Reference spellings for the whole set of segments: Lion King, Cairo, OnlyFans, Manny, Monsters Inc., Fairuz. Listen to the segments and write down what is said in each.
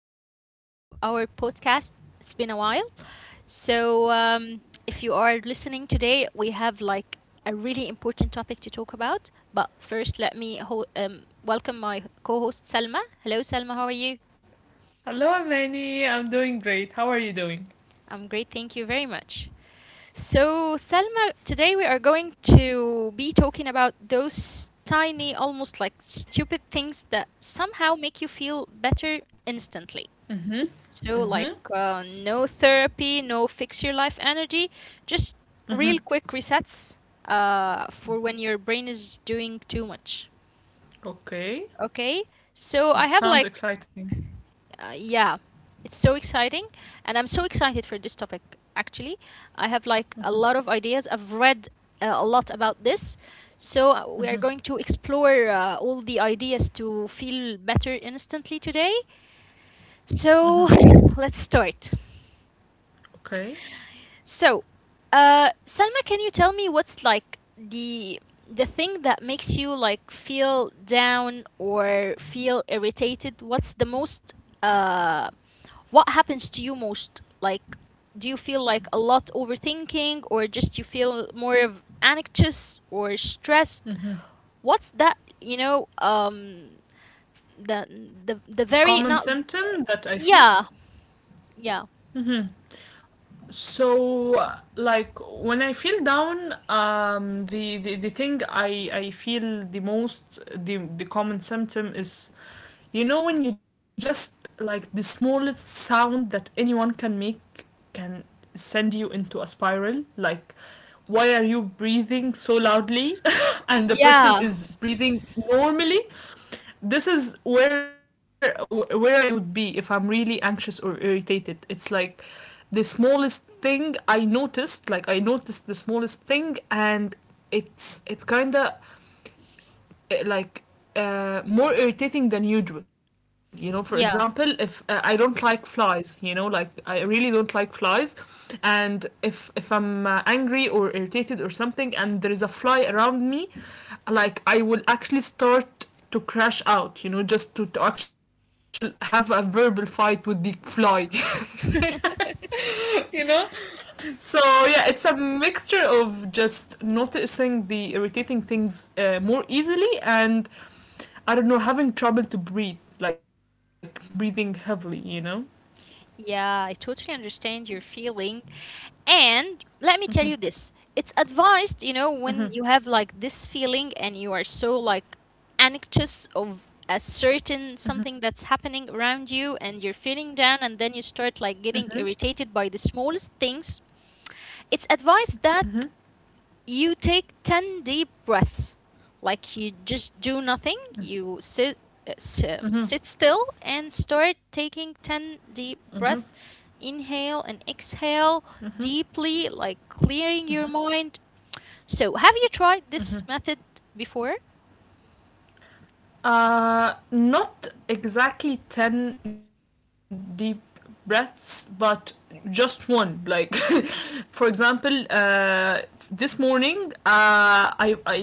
new episode of our podcast. It's been a while. So, if you are listening today, we have like a really important topic to talk about. But first, let me welcome my co host Salma. Hello, Salma, how are you? Hello, Manny. I'm doing great. How are you doing? I'm great, thank you very much. So, Salma, today we are going to be talking about those tiny, almost like stupid things that somehow make you feel better instantly. Mm-hmm. So, Mm-hmm. like, no therapy, no fix your life energy, just real quick resets for when your brain is doing too much. Okay. Okay? So, I Sounds have like, exciting. uh, yeah, it's so exciting. And I'm so excited for this topic, actually. I have like a lot of ideas. I've read a lot about this. So, we are going to explore all the ideas to feel better instantly today. So, let's start. Okay. So, Selma, can you tell me what's like the thing that makes you like feel down or feel irritated? What's the most uh what happens to you most? Like, do you feel like a lot overthinking or just you feel more of anxious or stressed? What's that, the The the common very not symptom that I feel. yeah, yeah. So, like when I feel down, the thing I feel the most, the common symptom is, you know, when you just, like, the smallest sound that anyone can make can send you into a spiral, like, why are you breathing so loudly? And the person Yeah. is breathing normally. This is where I would be if I'm really anxious or irritated. It's like the smallest thing I noticed. Like, I noticed the smallest thing, and it's kind of, like, more irritating than usual. You know, for example, Yeah. if I don't like flies, you know, like, I really don't like flies, and if I'm angry or irritated or something, and there is a fly around me, like, I will actually start to crash out. You know, just to actually have a verbal fight with the fly. You know, so yeah, it's a mixture of just noticing the irritating things more easily and, I don't know, having trouble to breathe, like breathing heavily, you know? Yeah, I totally understand your feeling. And let me tell you this it's advised, you know, when you have like this feeling and you are so like anxious of a certain something that's happening around you and you're feeling down and then you start Mm-hmm. like getting irritated by the smallest things. It's advised Mm-hmm. that you take 10 deep breaths, like you just do nothing. You sit sit still and start taking 10 deep breaths. Inhale and Mm-hmm. exhale deeply, like clearing your mind. So, have you tried this method before? Not exactly 10 deep breaths, but just one. Like, for example, this morning,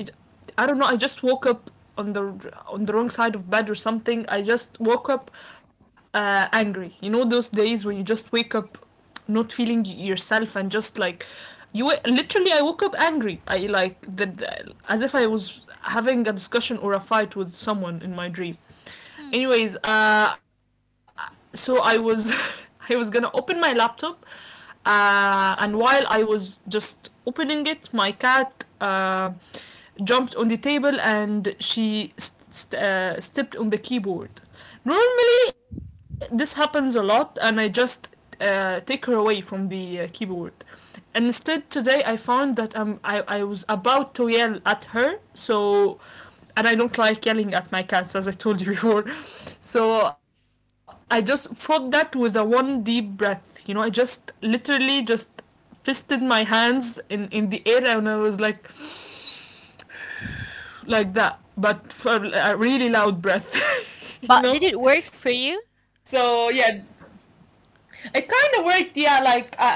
I don't know, I just woke up on the wrong side of bed or something. I just woke up angry. You know those days when you just wake up not feeling yourself and just, like, you literally, I woke up angry. I, like, as if I was having a discussion or a fight with someone in my dream. Hmm. Anyways, so I was, I was gonna open my laptop, and while I was just opening it, my cat jumped on the table and she stepped on the keyboard. Normally, this happens a lot, and I just take her away from the keyboard. And instead, today I found that I was about to yell at her, so, and I don't like yelling at my cats, as I told you before. So I just fought that with a one deep breath. You know, I just literally just fisted my hands in the air, and I was like that, but for a really loud breath. You But did know, it work for you? so yeah, it kind of worked. Yeah, like, I I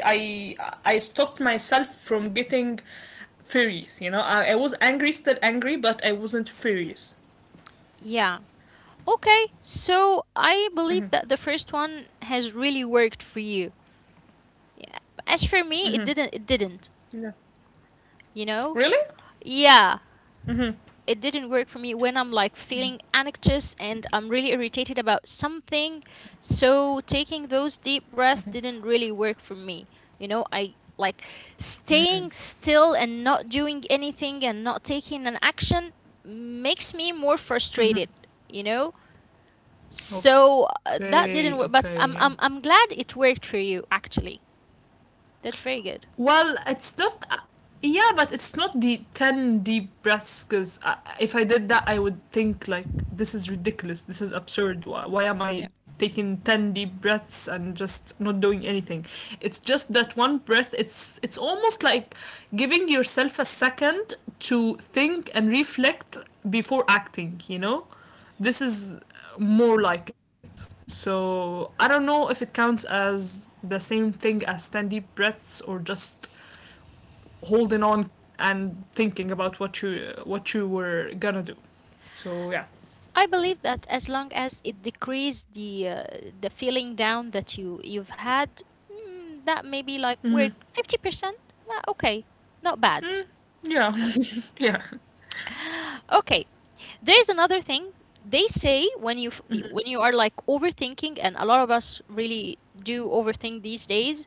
I I stopped myself from getting furious. You know, I was angry, still angry, but I wasn't furious. Yeah. Okay, so I believe that the first one has really worked for you. Yeah. As for me, it didn't, Yeah. you know? Really? Yeah, it didn't work for me when I'm like feeling anxious and I'm really irritated about something. So taking those deep breaths didn't really work for me. You know, I like staying still and not doing anything and not taking an action makes me more frustrated, you know? So Okay, that didn't okay, work, yeah. but I'm glad it worked for you actually. That's very good. Well, it's not. Yeah, but it's not the 10 deep breaths, because if I did that, I would think, like, this is ridiculous. This is absurd. Why am I taking 10 deep breaths and just not doing anything? It's just that one breath. It's almost like giving yourself a second to think and reflect before acting, you know? This is more like it. So I don't know if it counts as the same thing as 10 deep breaths or just holding on and thinking about what you were gonna do. So yeah. I believe that as long as it decreases the feeling down that you've had, mm, that maybe like Mm-hmm. we 50%. Well, okay, not bad. Mm, yeah. Yeah. Okay, there is another thing they say when when you are like overthinking, and a lot of us really do overthink these days.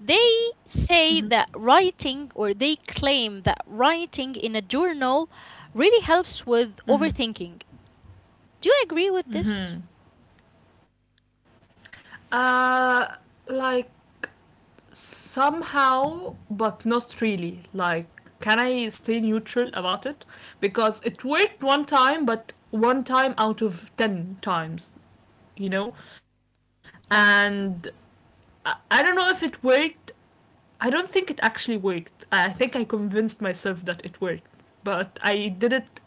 They say Mm-hmm. that writing, or they claim that writing in a journal, really helps with Mm-hmm. overthinking. Do you agree with this? Mm-hmm. Uh, like, somehow, but not really. Like, can I stay neutral about it? Because it worked one time, but one time out of 10 times, you know, and I don't know if it worked. I don't think it actually worked. I think I convinced myself that it worked. But I did it,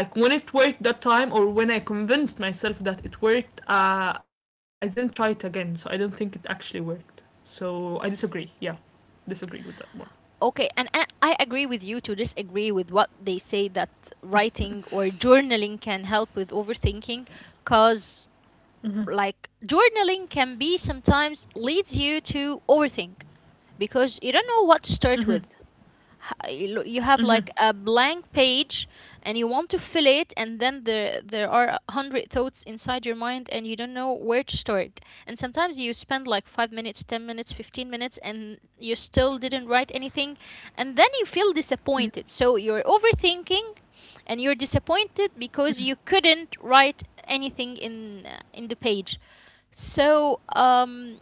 like, when it worked that time, or when I convinced myself that it worked, I didn't try it again, so I don't think it actually worked. So I disagree. Yeah, disagree with that one. Okay, and I agree with you to disagree with what they say that writing or journaling can help with overthinking because Mm-hmm. like journaling can be sometimes leads you to overthink because you don't know what to start with you have like a blank page and you want to fill it and then there are 100 thoughts inside your mind and you don't know where to start and sometimes you spend like 5 minutes 10 minutes 15 minutes and you still didn't write anything and then you feel disappointed so you're overthinking and you're disappointed because you couldn't write anything in the page so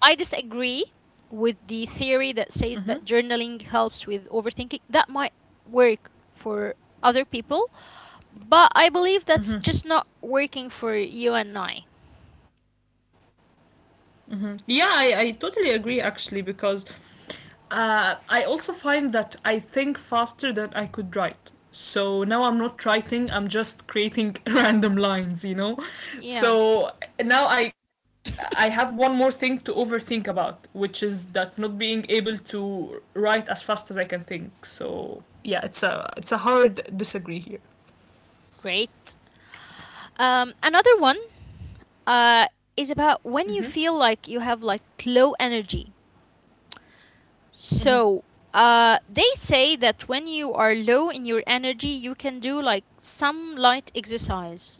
I disagree with the theory that says that journaling helps with overthinking. That might work for other people, but I believe that's just not working for you and I. Yeah, I totally agree, actually, because I also find that I think faster than I could write. So now I'm not writing, I'm just creating random lines, you know? Yeah, So now I have one more thing to overthink about, which is that not being able to write as fast as I can think. So yeah, it's a, it's a hard disagree here. great. Another one uh, is Mm-hmm. about when you feel like you have like low energy. Mm-hmm. So they say that when you are low in your energy, you can do like some light exercise.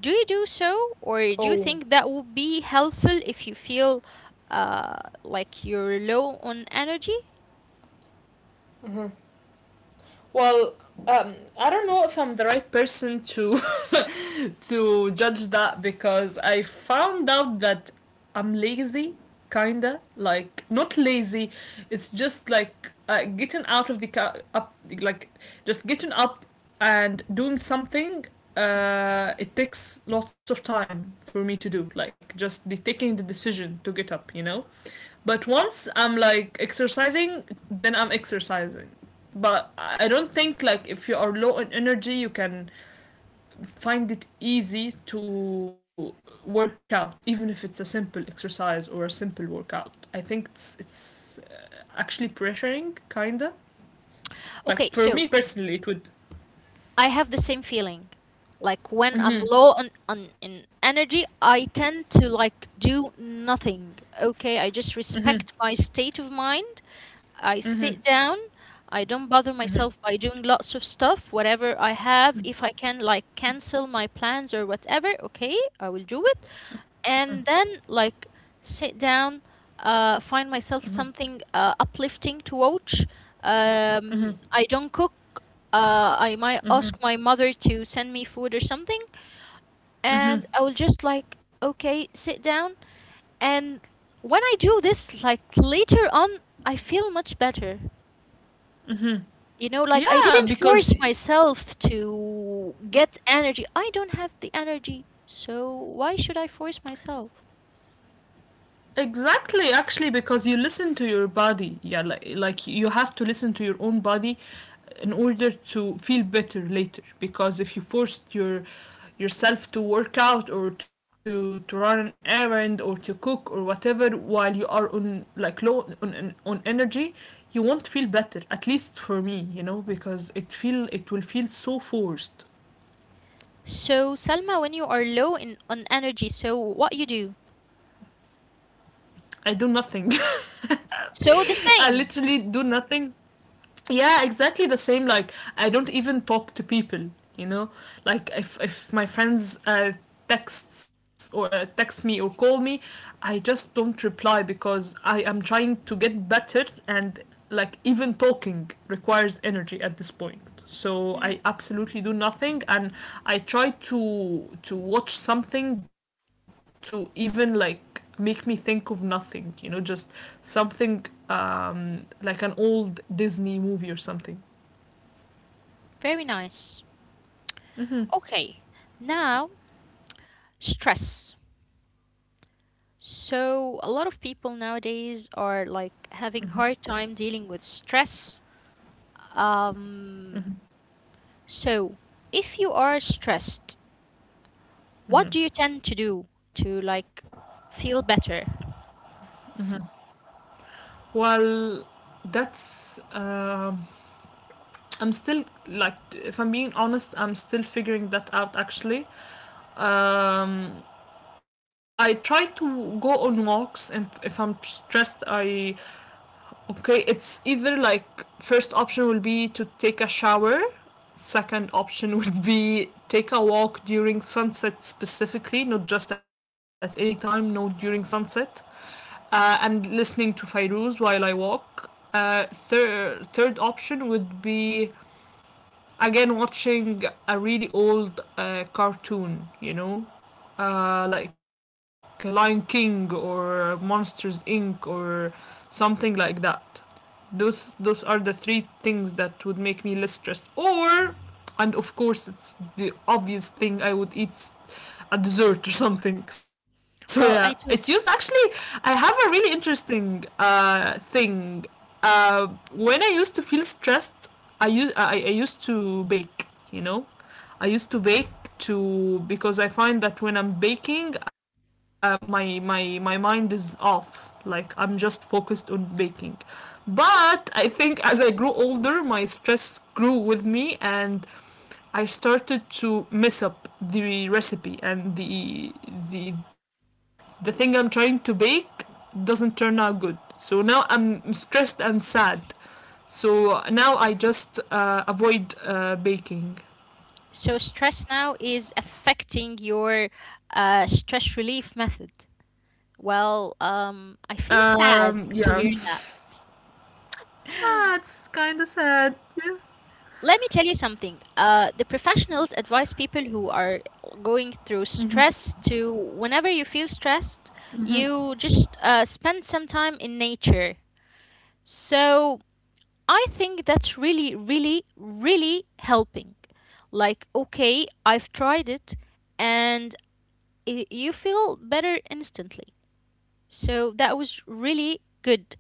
Do you do so, or do you Oh, think that would be helpful if you feel uh, like you're low on energy? well, I don't know if I'm the right person to to judge that because I found out that I'm lazy, kinda, like, not lazy. It's just like, getting out of the like, just getting up and doing something. It takes lots of time for me to do, like, just the taking the decision to get up, you know. But once I'm like exercising, then I'm exercising. But I don't think, like, if you are low in energy, you can find it easy to work out, even if it's a simple exercise or a simple workout. I think it's actually pressuring, kinda. Okay, so Like, for me personally, it would. I have the same feeling. Like when I'm low on, Mm-hmm. on in energy, I tend to like do nothing. Okay, I just respect Mm-hmm. my state of mind. I sit down. Mm-hmm. I don't bother myself by Mm-hmm. doing lots of stuff. Whatever I have, if I can like cancel my plans or whatever, okay, I will do it. And then like sit down find myself Mm-hmm. something uplifting to watch I Mm-hmm. don't cook I might ask my mother to send me food or something and I will Mm-hmm. just like okay sit down and when I do this like later on I feel much better Mm-hmm. you know like I didn't Yeah, force because, myself to get energy I don't have the energy so why should I force myself. exactly, actually, because you listen to your body. Yeah, like, you have to listen to your own body in order to feel better later. Because if you forced yourself to work out or to run an errand or to cook or whatever while you are on, like, low on, on energy, you won't feel better, at least for me, you know, because it feel, it will feel so forced. So, Salma, when you are low in on energy, so what you do? I do nothing. So the I same. literally do nothing. Yeah, exactly the same. Like, I don't even talk to people, you know, like, if my friends texts, or text me or call me, I just don't reply because I am trying to get better, and like, even talking requires energy at this point, so Mm, I absolutely do nothing, and I try to watch something, to even, like, make me think of nothing, you know, just something, like an old Disney movie or something. very nice. Okay. Now, stress. So, a lot of people nowadays are like having hard time dealing with stress. Um, so if you are stressed, what do you tend to do to like feel better? Well, that's, I'm still, like, if I'm being honest, I'm still figuring that out, actually. um I try to go on walks, and if I'm stressed, I, okay, it's either like, first option will be to take a shower. Second option would be take a walk during sunset specifically, not just at any time, no, during sunset, and listening to Fairuz while I walk. Third option would be, again, watching a really old cartoon, you know, like Lion King or Monsters Inc. or something like that. Those are the three things that would make me less stressed. Or, and of course, it's the obvious thing, I would eat a dessert or something. So yeah, it used Well, I do. actually. I have a really interesting thing. Uh, when I used to feel stressed, I used to bake. You know, I used to bake, to, because I find that when I'm baking, my mind is off. Like, I'm just focused on baking. But I think as I grew older, my stress grew with me, and I started to mess up the recipe and the the thing I'm trying to bake doesn't turn out good. So now I'm stressed and sad. So now I just avoid baking. So stress now is affecting your stress relief method. Well, I feel sad to Yeah. hear that. That's kind of sad. Yeah. Let me tell you something. The professionals advise people who are going through stress to, whenever you feel stressed, you just spend some time in nature. So I think that's really, really, really helping. Like, okay, I've tried it and I you feel better instantly. So that was really good.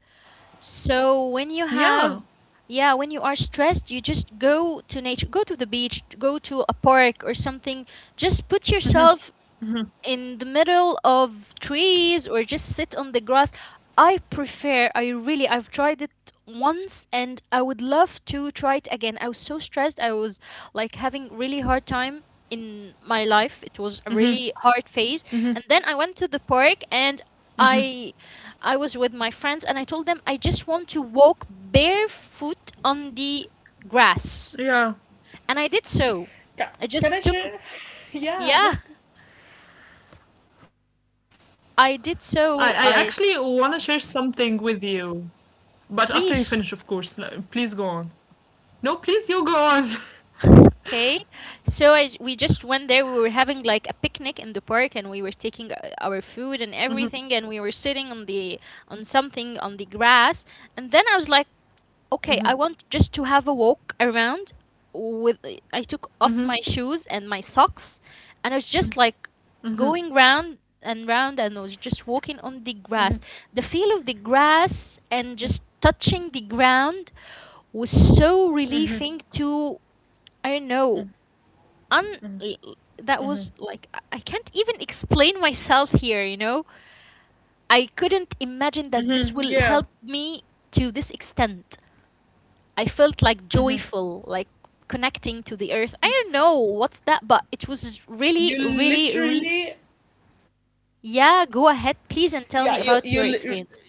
So when you have, Yeah. yeah, when you are stressed, you just go to nature, go to the beach, go to a park or something. Just put Mhm. yourself in the middle of trees or just sit on the grass. I prefer, I really, I've tried it once and I would love to try it again. I was so stressed. I was like having really hard time in my life. It was a really hard phase. And then I went to the park and I I was with my friends and I told them I just want to walk barefoot on the grass. Yeah. And I did so. Ca- I Can I just took share? Yeah, yeah, that's good. I did I actually so. want I to share something with you. But after you finish, of please. course. No, please go on. No, please, you go on. Okay, so we just went there. We were having like a picnic in the park, and we were taking our Hmm. food and everything, and we were sitting on the on something on the grass. And then I was like, okay, Hmm. I want just to have a walk around. With I took off Hmm. my shoes and my socks, and I was just like going round and round, and I was just walking Hmm. on the grass. The feel of the grass and just touching the ground was so relieving to I don't know un l- that was like I can't even explain myself here, you know? I couldn't Hmm. imagine that Yeah, this will help me to this extent. I felt like joyful, like connecting to the earth. I don't know what's that, but it was really, you really, really literally. yeah, go ahead Yeah, please and tell me about your experience.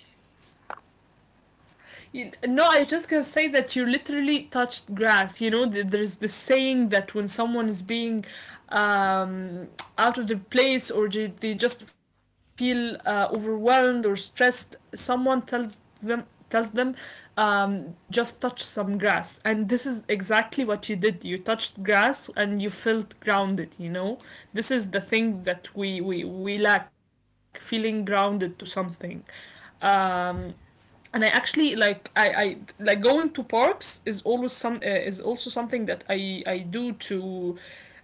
No, I was just gonna say that you literally touched grass. You know, there's this saying that when someone is being um, out of their place, or they just feel overwhelmed or stressed, someone them tells them just touch some grass. And this is exactly what you did. You touched grass and you felt grounded. You know, this is the thing that we lack: feeling grounded to something. Um, and I actually, like, I like, going to parks is always some is also something that I do to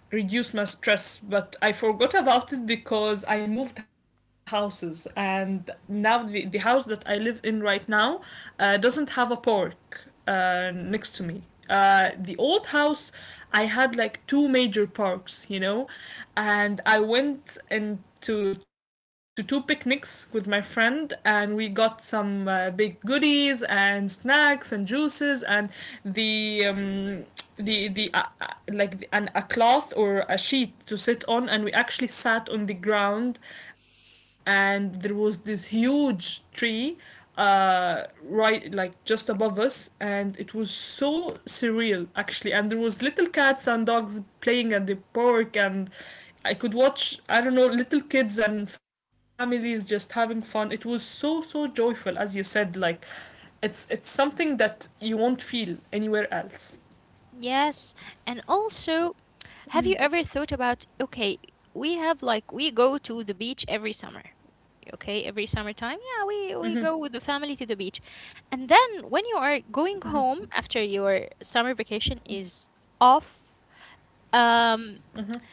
reduce my stress, but I forgot about it because I moved houses, and now the house that I live in right now doesn't have a park next to me. The old house, I had like two major parks, you know, and I went to two picnics with my friend, and we got some big goodies and snacks and juices and the um, the like a cloth or a sheet to sit on, and we actually sat on the ground. And there was this huge tree right like just above us, and it was so surreal actually. And there was little cats and dogs playing at the park, and I could watch, I don't know, little kids and families just having fun. It was so, so joyful, as you said, like it's something that you won't feel anywhere else. Yes, and also have you ever thought about, okay, we have like we go to the beach every summer. Okay, every summertime, yeah, Hmm. We go with the family to the beach. And then when you are going home after your summer vacation is off, um Hmm.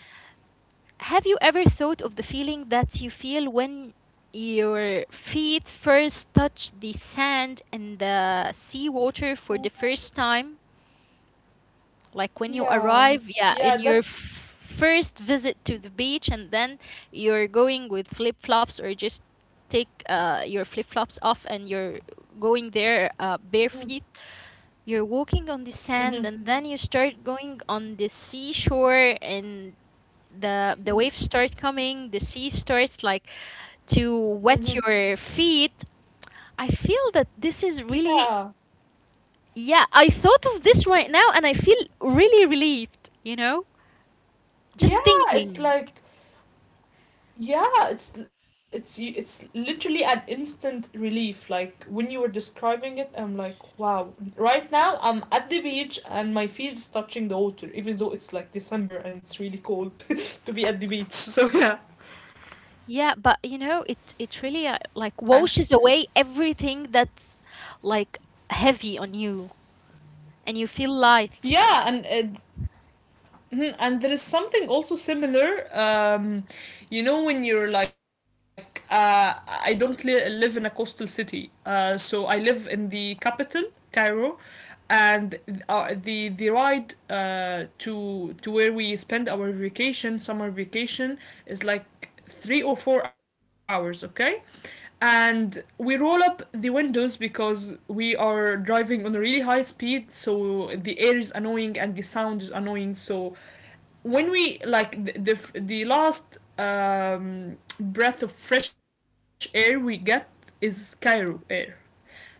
have you ever thought of the feeling that you feel when your feet first touch the sand and the sea water for the first time? Like when you Yeah, arrive, yeah, yeah, in your that's first visit to the beach, and then you're going with flip flops or just take your flip flops off and you're going there hmm. bare feet. You're walking on the Hmm. sand, and then you start going on the seashore, and the waves start coming. The sea starts like Hmm. to wet your feet. I feel that this is Yeah, really yeah. I thought of this right now, and I feel really relieved. You know. Just yeah, it's thinking. like yeah, it's literally an instant relief. Like when you were describing it, I'm like, wow. Right now, I'm at the beach and my feet is touching the water, even though it's like December and it's really cold to be at the beach. So yeah, Yeah, but you know, it really and like washes away everything that's like heavy on you, and you feel light. yeah, and it, mhm. And there is something also similar. You know, when you're like, I don't li- live in a coastal city. So I live in the capital, Cairo, and the ride to where we spend our vacation, summer vacation, is like 3 or 4 hours. Okay, and we roll up the windows because we are driving on a really high speed, so the air is annoying and the sound is annoying. So when we like the last breath of fresh air we get is Cairo air. Now,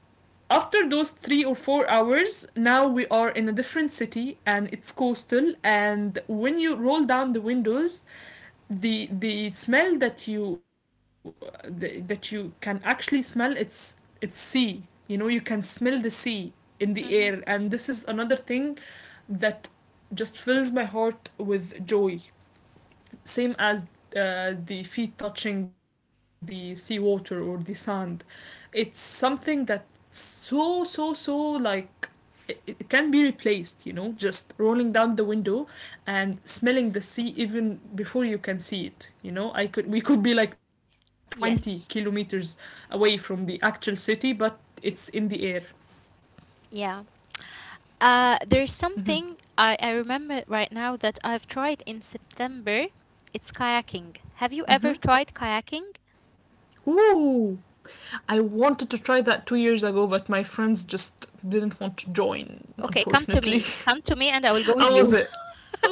after those 3 or 4 hours, now we are in a different city and it's coastal. And when you roll down the windows, the smell that you can actually smell, it's sea. You know, you can smell the sea in the air, Mm-hmm. and this is another thing that just fills my heart with joy. Same as the feet touching the seawater or the sand. It's something that so, so, so like it can be replaced, you know, just rolling down the window and smelling the sea even before you can see it. You know, I could we could be like 20 kilometers Yes. away from the actual city, but it's in the air. Yeah. There's something I remember right now that I've tried in September. It's kayaking. Have you ever tried kayaking? Ooh, I wanted to try that 2 years ago, but my friends just didn't want to join, Okay, unfortunately. come to me. Come to me and I will How go was with it? you. Oh,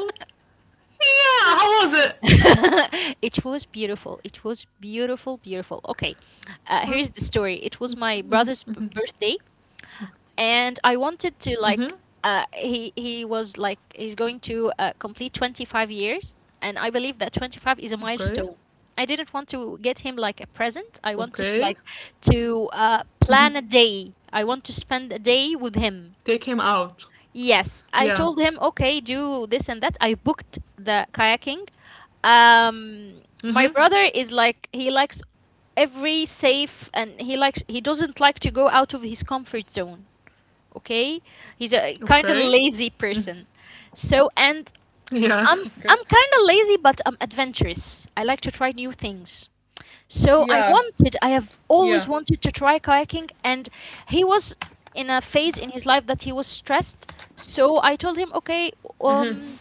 yeah, how was it? it was beautiful. It was beautiful, beautiful. Okay, Well, here's the story. It was my brother's birthday, and I wanted mm-hmm, to like. He was like he's going to complete 25 years, and I believe that 25 is a okay, milestone. I didn't want to get him like a present. okay. I wanted like to Mm-hmm. Plan a day. I want to spend a day with They him. came out. Yes, I Yeah. told him, okay, do this and that. I booked the kayaking, my Mm-hmm, brother is like he likes every safe and he doesn't like to go out of his comfort zone, okay? He's a okay. kind of lazy Mm. person. So and Yeah. I'm Okay. I'm kind of lazy but I'm adventurous. I like to try new things. Yeah, So I yeah. have always wanted to try kayaking, and he was in a phase in his life that he was stressed. So I told him, okay, Mm-hmm, um,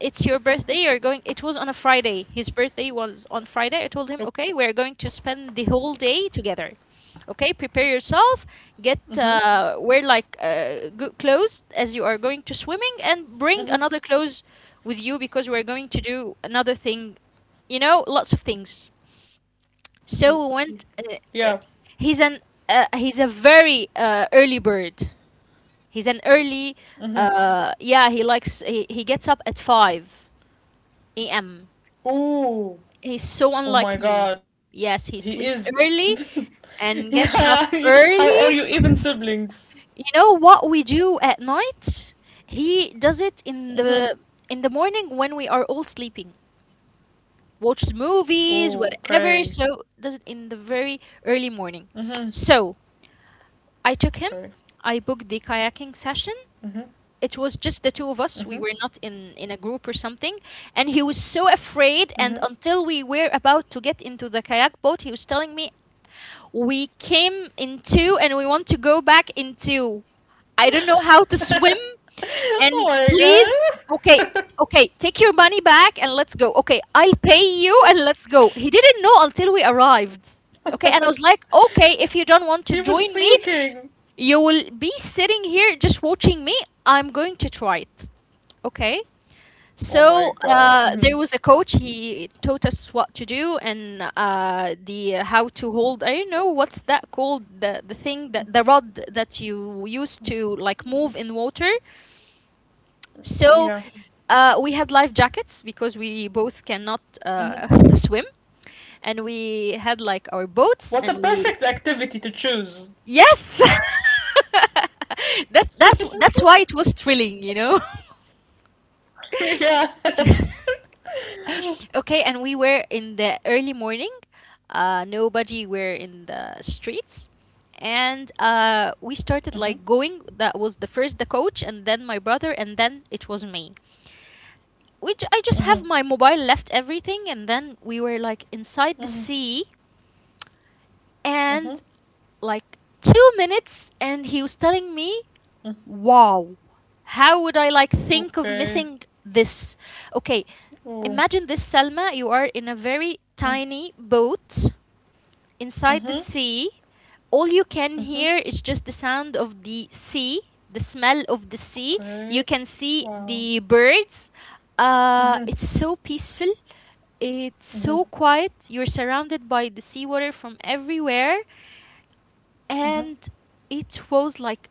it's your birthday, you're going. It was on a Friday. His birthday was on Friday. I told him, okay. okay, we're going to spend the whole day together. Okay, prepare yourself, Mm-hmm, get wear like good clothes as you are going to swimming, and bring mm-hmm, another clothes with you because we're going to do another thing. You know, lots of things. So we went. yeah. Uh, he's an he's a very early bird. He's an early. Mm-hmm. Yeah, he gets up at 5 a.m. Ooh, He's so oh my unlike me. god, he is. Yes, he sleeps early Yeah, and gets up how are you even early. siblings? You know what we do at night? He does it in Mm-hmm. the in the morning when we are all sleeping. Watches movies, Oh, whatever. okay. So does it in the very early Mm-hmm. morning. So I took Okay. him. I booked the kayaking session. Mm-hmm. It was just the two of us. Mm-hmm. We were not in a group or something, and he was so afraid. And Mm-hmm. until we were about to get into the kayak boat, he was telling me, we came in two and we want to go back in two. I don't know how to swim Oh and my god. please, okay, okay, take your money back and let's go. Okay, I'll pay you and let's go. He didn't know until we arrived. Okay, and I was like, okay, He if you was don't want to join freaking. me, you will be sitting here just watching me. I'm going to try it. Okay. Oh my So god. Hmm. there was a coach. He taught us what to do, and the how to hold. I don't know what's that called, the thing that the rod that you use to like move in water. So Yeah. We had life jackets because we both cannot Hmm. Swim, and we had What like a our perfect boats, and activity to we, choose. yes, that that that's why it was thrilling, you know. Yeah. Okay, and we were in the early morning. Nobody were in the streets, and Hmm. we started like going. That was the first the coach, and then my brother, and then it was me. Hmm. I just have my mobile, left everything, and then we were like Hmm. inside the sea, Hmm. and like 2 minutes and he was telling me, wow, how would I like think of Okay. missing this? Okay, Oh. imagine this, Selma, you are in a very tiny boat inside Mm-hmm. the sea. All you can Mm-hmm. hear is just the sound of the sea, the smell of the sea. You Okay. can see Wow. the birds. It's so peaceful. It's so quiet. You're surrounded by the seawater from everywhere. And it was like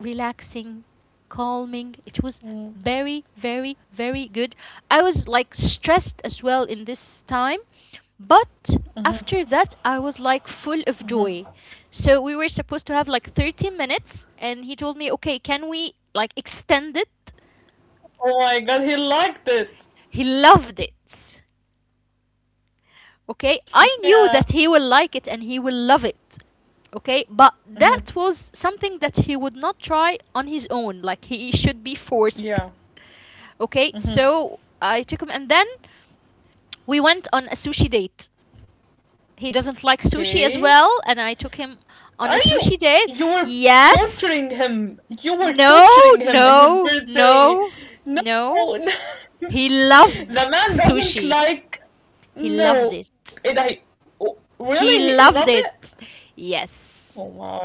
relaxing, calming. It was very, very, very good. I was like stressed as well in this time. But after that, I was like full of joy. So we were supposed to have like 30 minutes. And he told me, okay, can we like extend it? Oh my god, he liked it. He loved it. Okay, I Yeah. knew that he will like it and he will love it. Okay, but that was something that he would not try on his own. Like he should be Yeah. forced. Okay, so I took him and then we went on a sushi date. He doesn't like Okay. sushi as well, and I took him Are on a you? sushi You date. were torturing Yes, him. You were no, torturing him in his no, birthday. no, No, no. no. He loved The man doesn't sushi. like. He loved No, it. it. I oh, really. He He loved it. loved it. Oh Yes. my.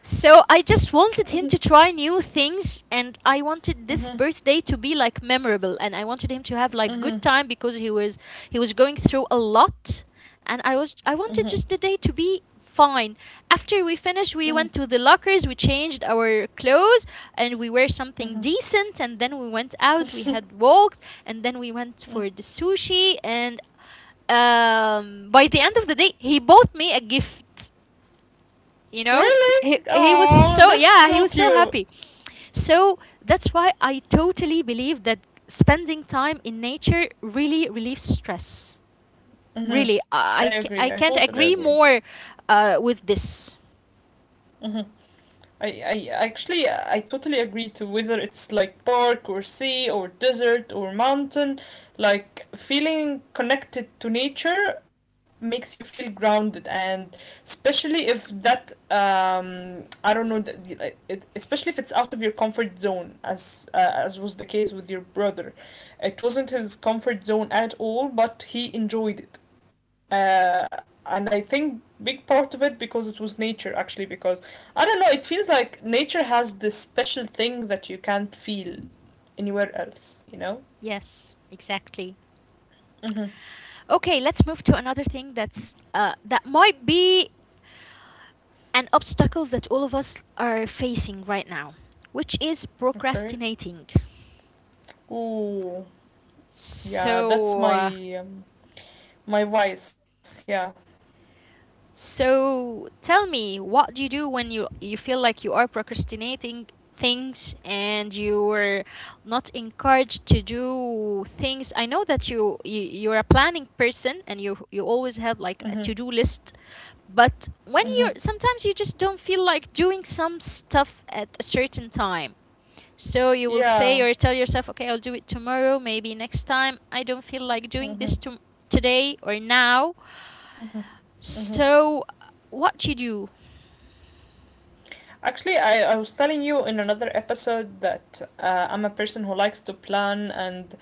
So I just wanted him to try new things and I wanted this birthday to be like memorable and I wanted him to have like good time because he was going through a lot, and I wanted just the day to be fine. After we finished we Mhm. went to the lockers, we changed our clothes and we wear something decent and then we went out, we had walks and then we went for the sushi. And by the end of the day he bought me a gift, you know. Really? He was Oh, so, that's yeah, so he was so cute. happy. So that's why I totally believe that spending time in nature really relieves stress. Hmm. Really, I i, I agree. I ca- I totally can't agree. agree more with this. Hmm. I actually I totally agree to whether it's like park or sea or desert or mountain, like feeling connected to nature makes you feel grounded. And especially if that I don't know, th- y- like, it, especially if it's out of your comfort zone, as was the case with your brother, it wasn't his comfort zone at all, but he enjoyed it. uh, and I think big part of it because it was nature actually, because I don't know. It feels like nature has this special thing that you can't feel anywhere else. You know. Yes, exactly. Mm-hmm. Okay, let's move to another thing that might be an obstacle that all of us are facing right now, which is Okay. procrastinating. Ooh. Yeah, that's so, uh, my my vice. Yeah. So tell me, what do you do when you feel like you are procrastinating things and you were not encouraged to do things? I know that you're a planning person and you always have Mm-hmm. like a to-do list, but Mm-hmm. when you're sometimes you just don't feel like doing some stuff at a certain time. So you will say Yeah. or tell yourself, okay, I'll do it tomorrow, maybe next time. I don't feel like doing this Mm-hmm. to today or now. Mm-hmm. Mm-hmm. So what you do. Actually, I was telling you in another episode that I'm a person who likes to plan, and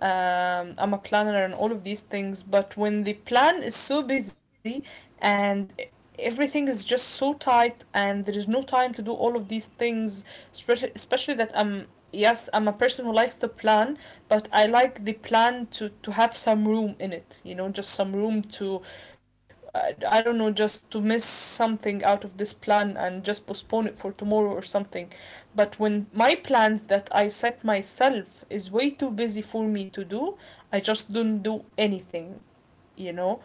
I'm a planner and all of these things, but when the plan is so busy and everything is just so tight and there is no time to do all of these things, especially that I'm yes, I'm a person who likes to plan, but I like the plan to have some room in it, you know, just some room to I don't know, just to miss something out of this plan and just postpone it for tomorrow or something. But when my plans that I set myself is way too busy for me to do, I just don't do anything, you know.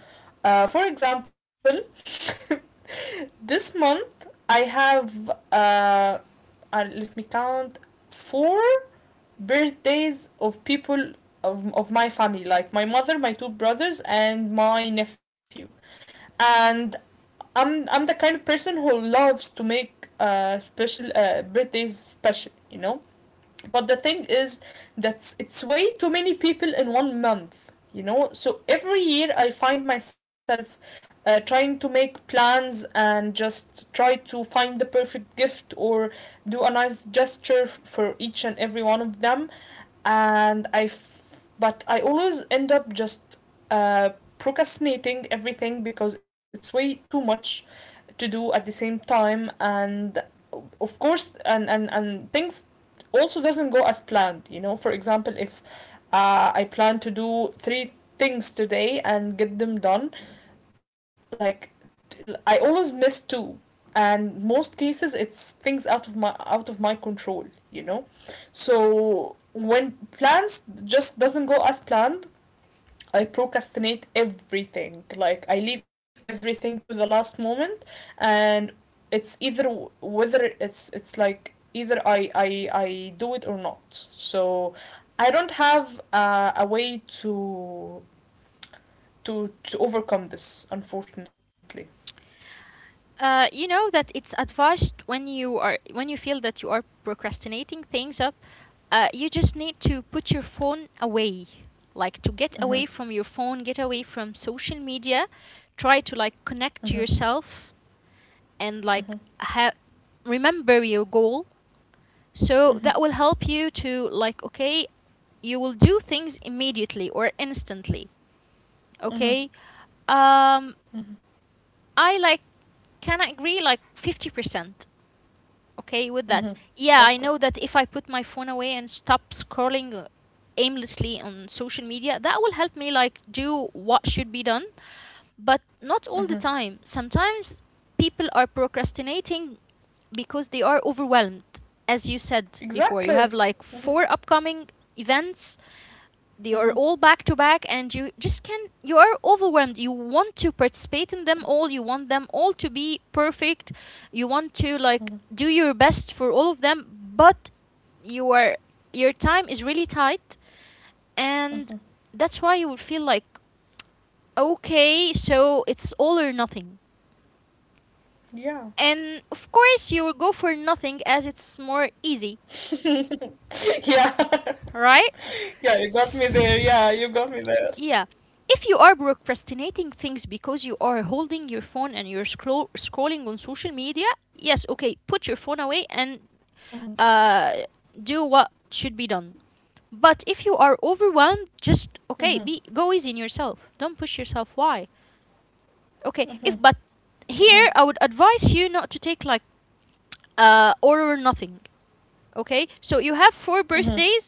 For example, this month I have uh, let me count four birthdays of people of my family, like my mother, my two brothers, and my nephew. And I'm the kind of person who loves to make special birthdays special, you know. But the thing is that it's way too many people in one month, you know. So every year I find myself trying to make plans and just try to find the perfect gift or do a nice gesture f- for each and every one of them. And I f- but I always end up just uh, procrastinating everything because it's way too much to do at the same time. And of course and and things also doesn't go as planned. You know, for example, if I plan to do three things today and get them done, like I always miss two, and most cases it's things out of my control. You know, so when plans just doesn't go as planned, I procrastinate everything. Like I leave everything to the last moment. And it's either whether it's like either I do it or not. So I don't have a way to to overcome this, unfortunately. You know that it's advised when you are when you feel that you are procrastinating things up, you just need to put your phone away. Like to get Mm-hmm. away from your phone, get away from social media, try to like Mm-hmm. connect to yourself Mm-hmm. and remember your goal. So Mm-hmm. that will help you to like, okay, you will do things immediately or instantly. Mm-hmm. Okay? Um Mm-hmm. I like can agree like 50%. Okay with Mm-hmm. that. Yeah, I Okay. know that if I put my phone away and stop scrolling aimlessly on social media, that will help me like do what should be done, but not Mm-hmm. all the time. Sometimes people are procrastinating because they are overwhelmed. As you said before, you Exactly. have like Mm-hmm. four upcoming events. They are Mm-hmm. all back to back and you just can you are overwhelmed. You want to participate in them all. You want them all to be perfect. You want to Mm-hmm. like do your best for all of them, but you are, your time is really tight. And Mm-hmm. that's why you will feel like, okay, so it's all or nothing. Yeah. And of course you will go for nothing as it's more easy, Yeah. right? Yeah, you got me there. Yeah, you got me there. Yeah. If you are procrastinating things because you are holding your phone and you're scrolling on social media, yes, okay, put your Mhm, phone away and uh, do what should be done. But if you mhm, are overwhelmed, just, okay, be go easy on yourself. Don't push yourself. Why? mhm, Okay, mhm, if but here I would advise you not to take like all or nothing. Okay, so you mhm, have four mhm, birthdays.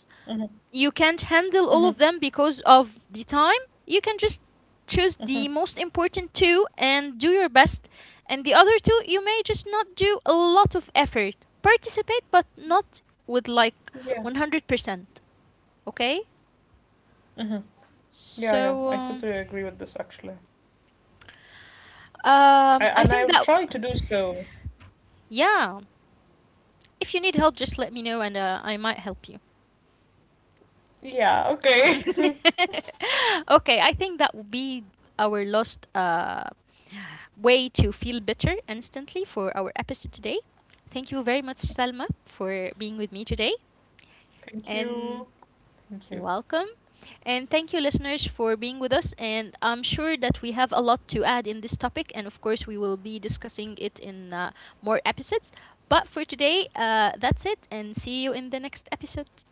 You can't mhm, handle all of them because of the time. You can just mhm. choose the most important two and do your best. And the other two, you may just not do a lot of effort. Participate, but Yeah. not with like 100%. Okay? Hmm. Yeah, yeah. I totally agree with So, this actually. I, and I will try I to do think that, so. yeah. If you need help, just let me know and I might help you. Yeah, okay. Okay, I think that will be our last way to feel better instantly for our episode today. Thank you very much, Salma, for being with me today. Thank you. Thank And you. you're welcome. And thank you, listeners, for being with us. And I'm sure that we have a lot to add in this topic. And of course, we will be discussing it in more episodes. But for today, that's it. And see you in the next episode.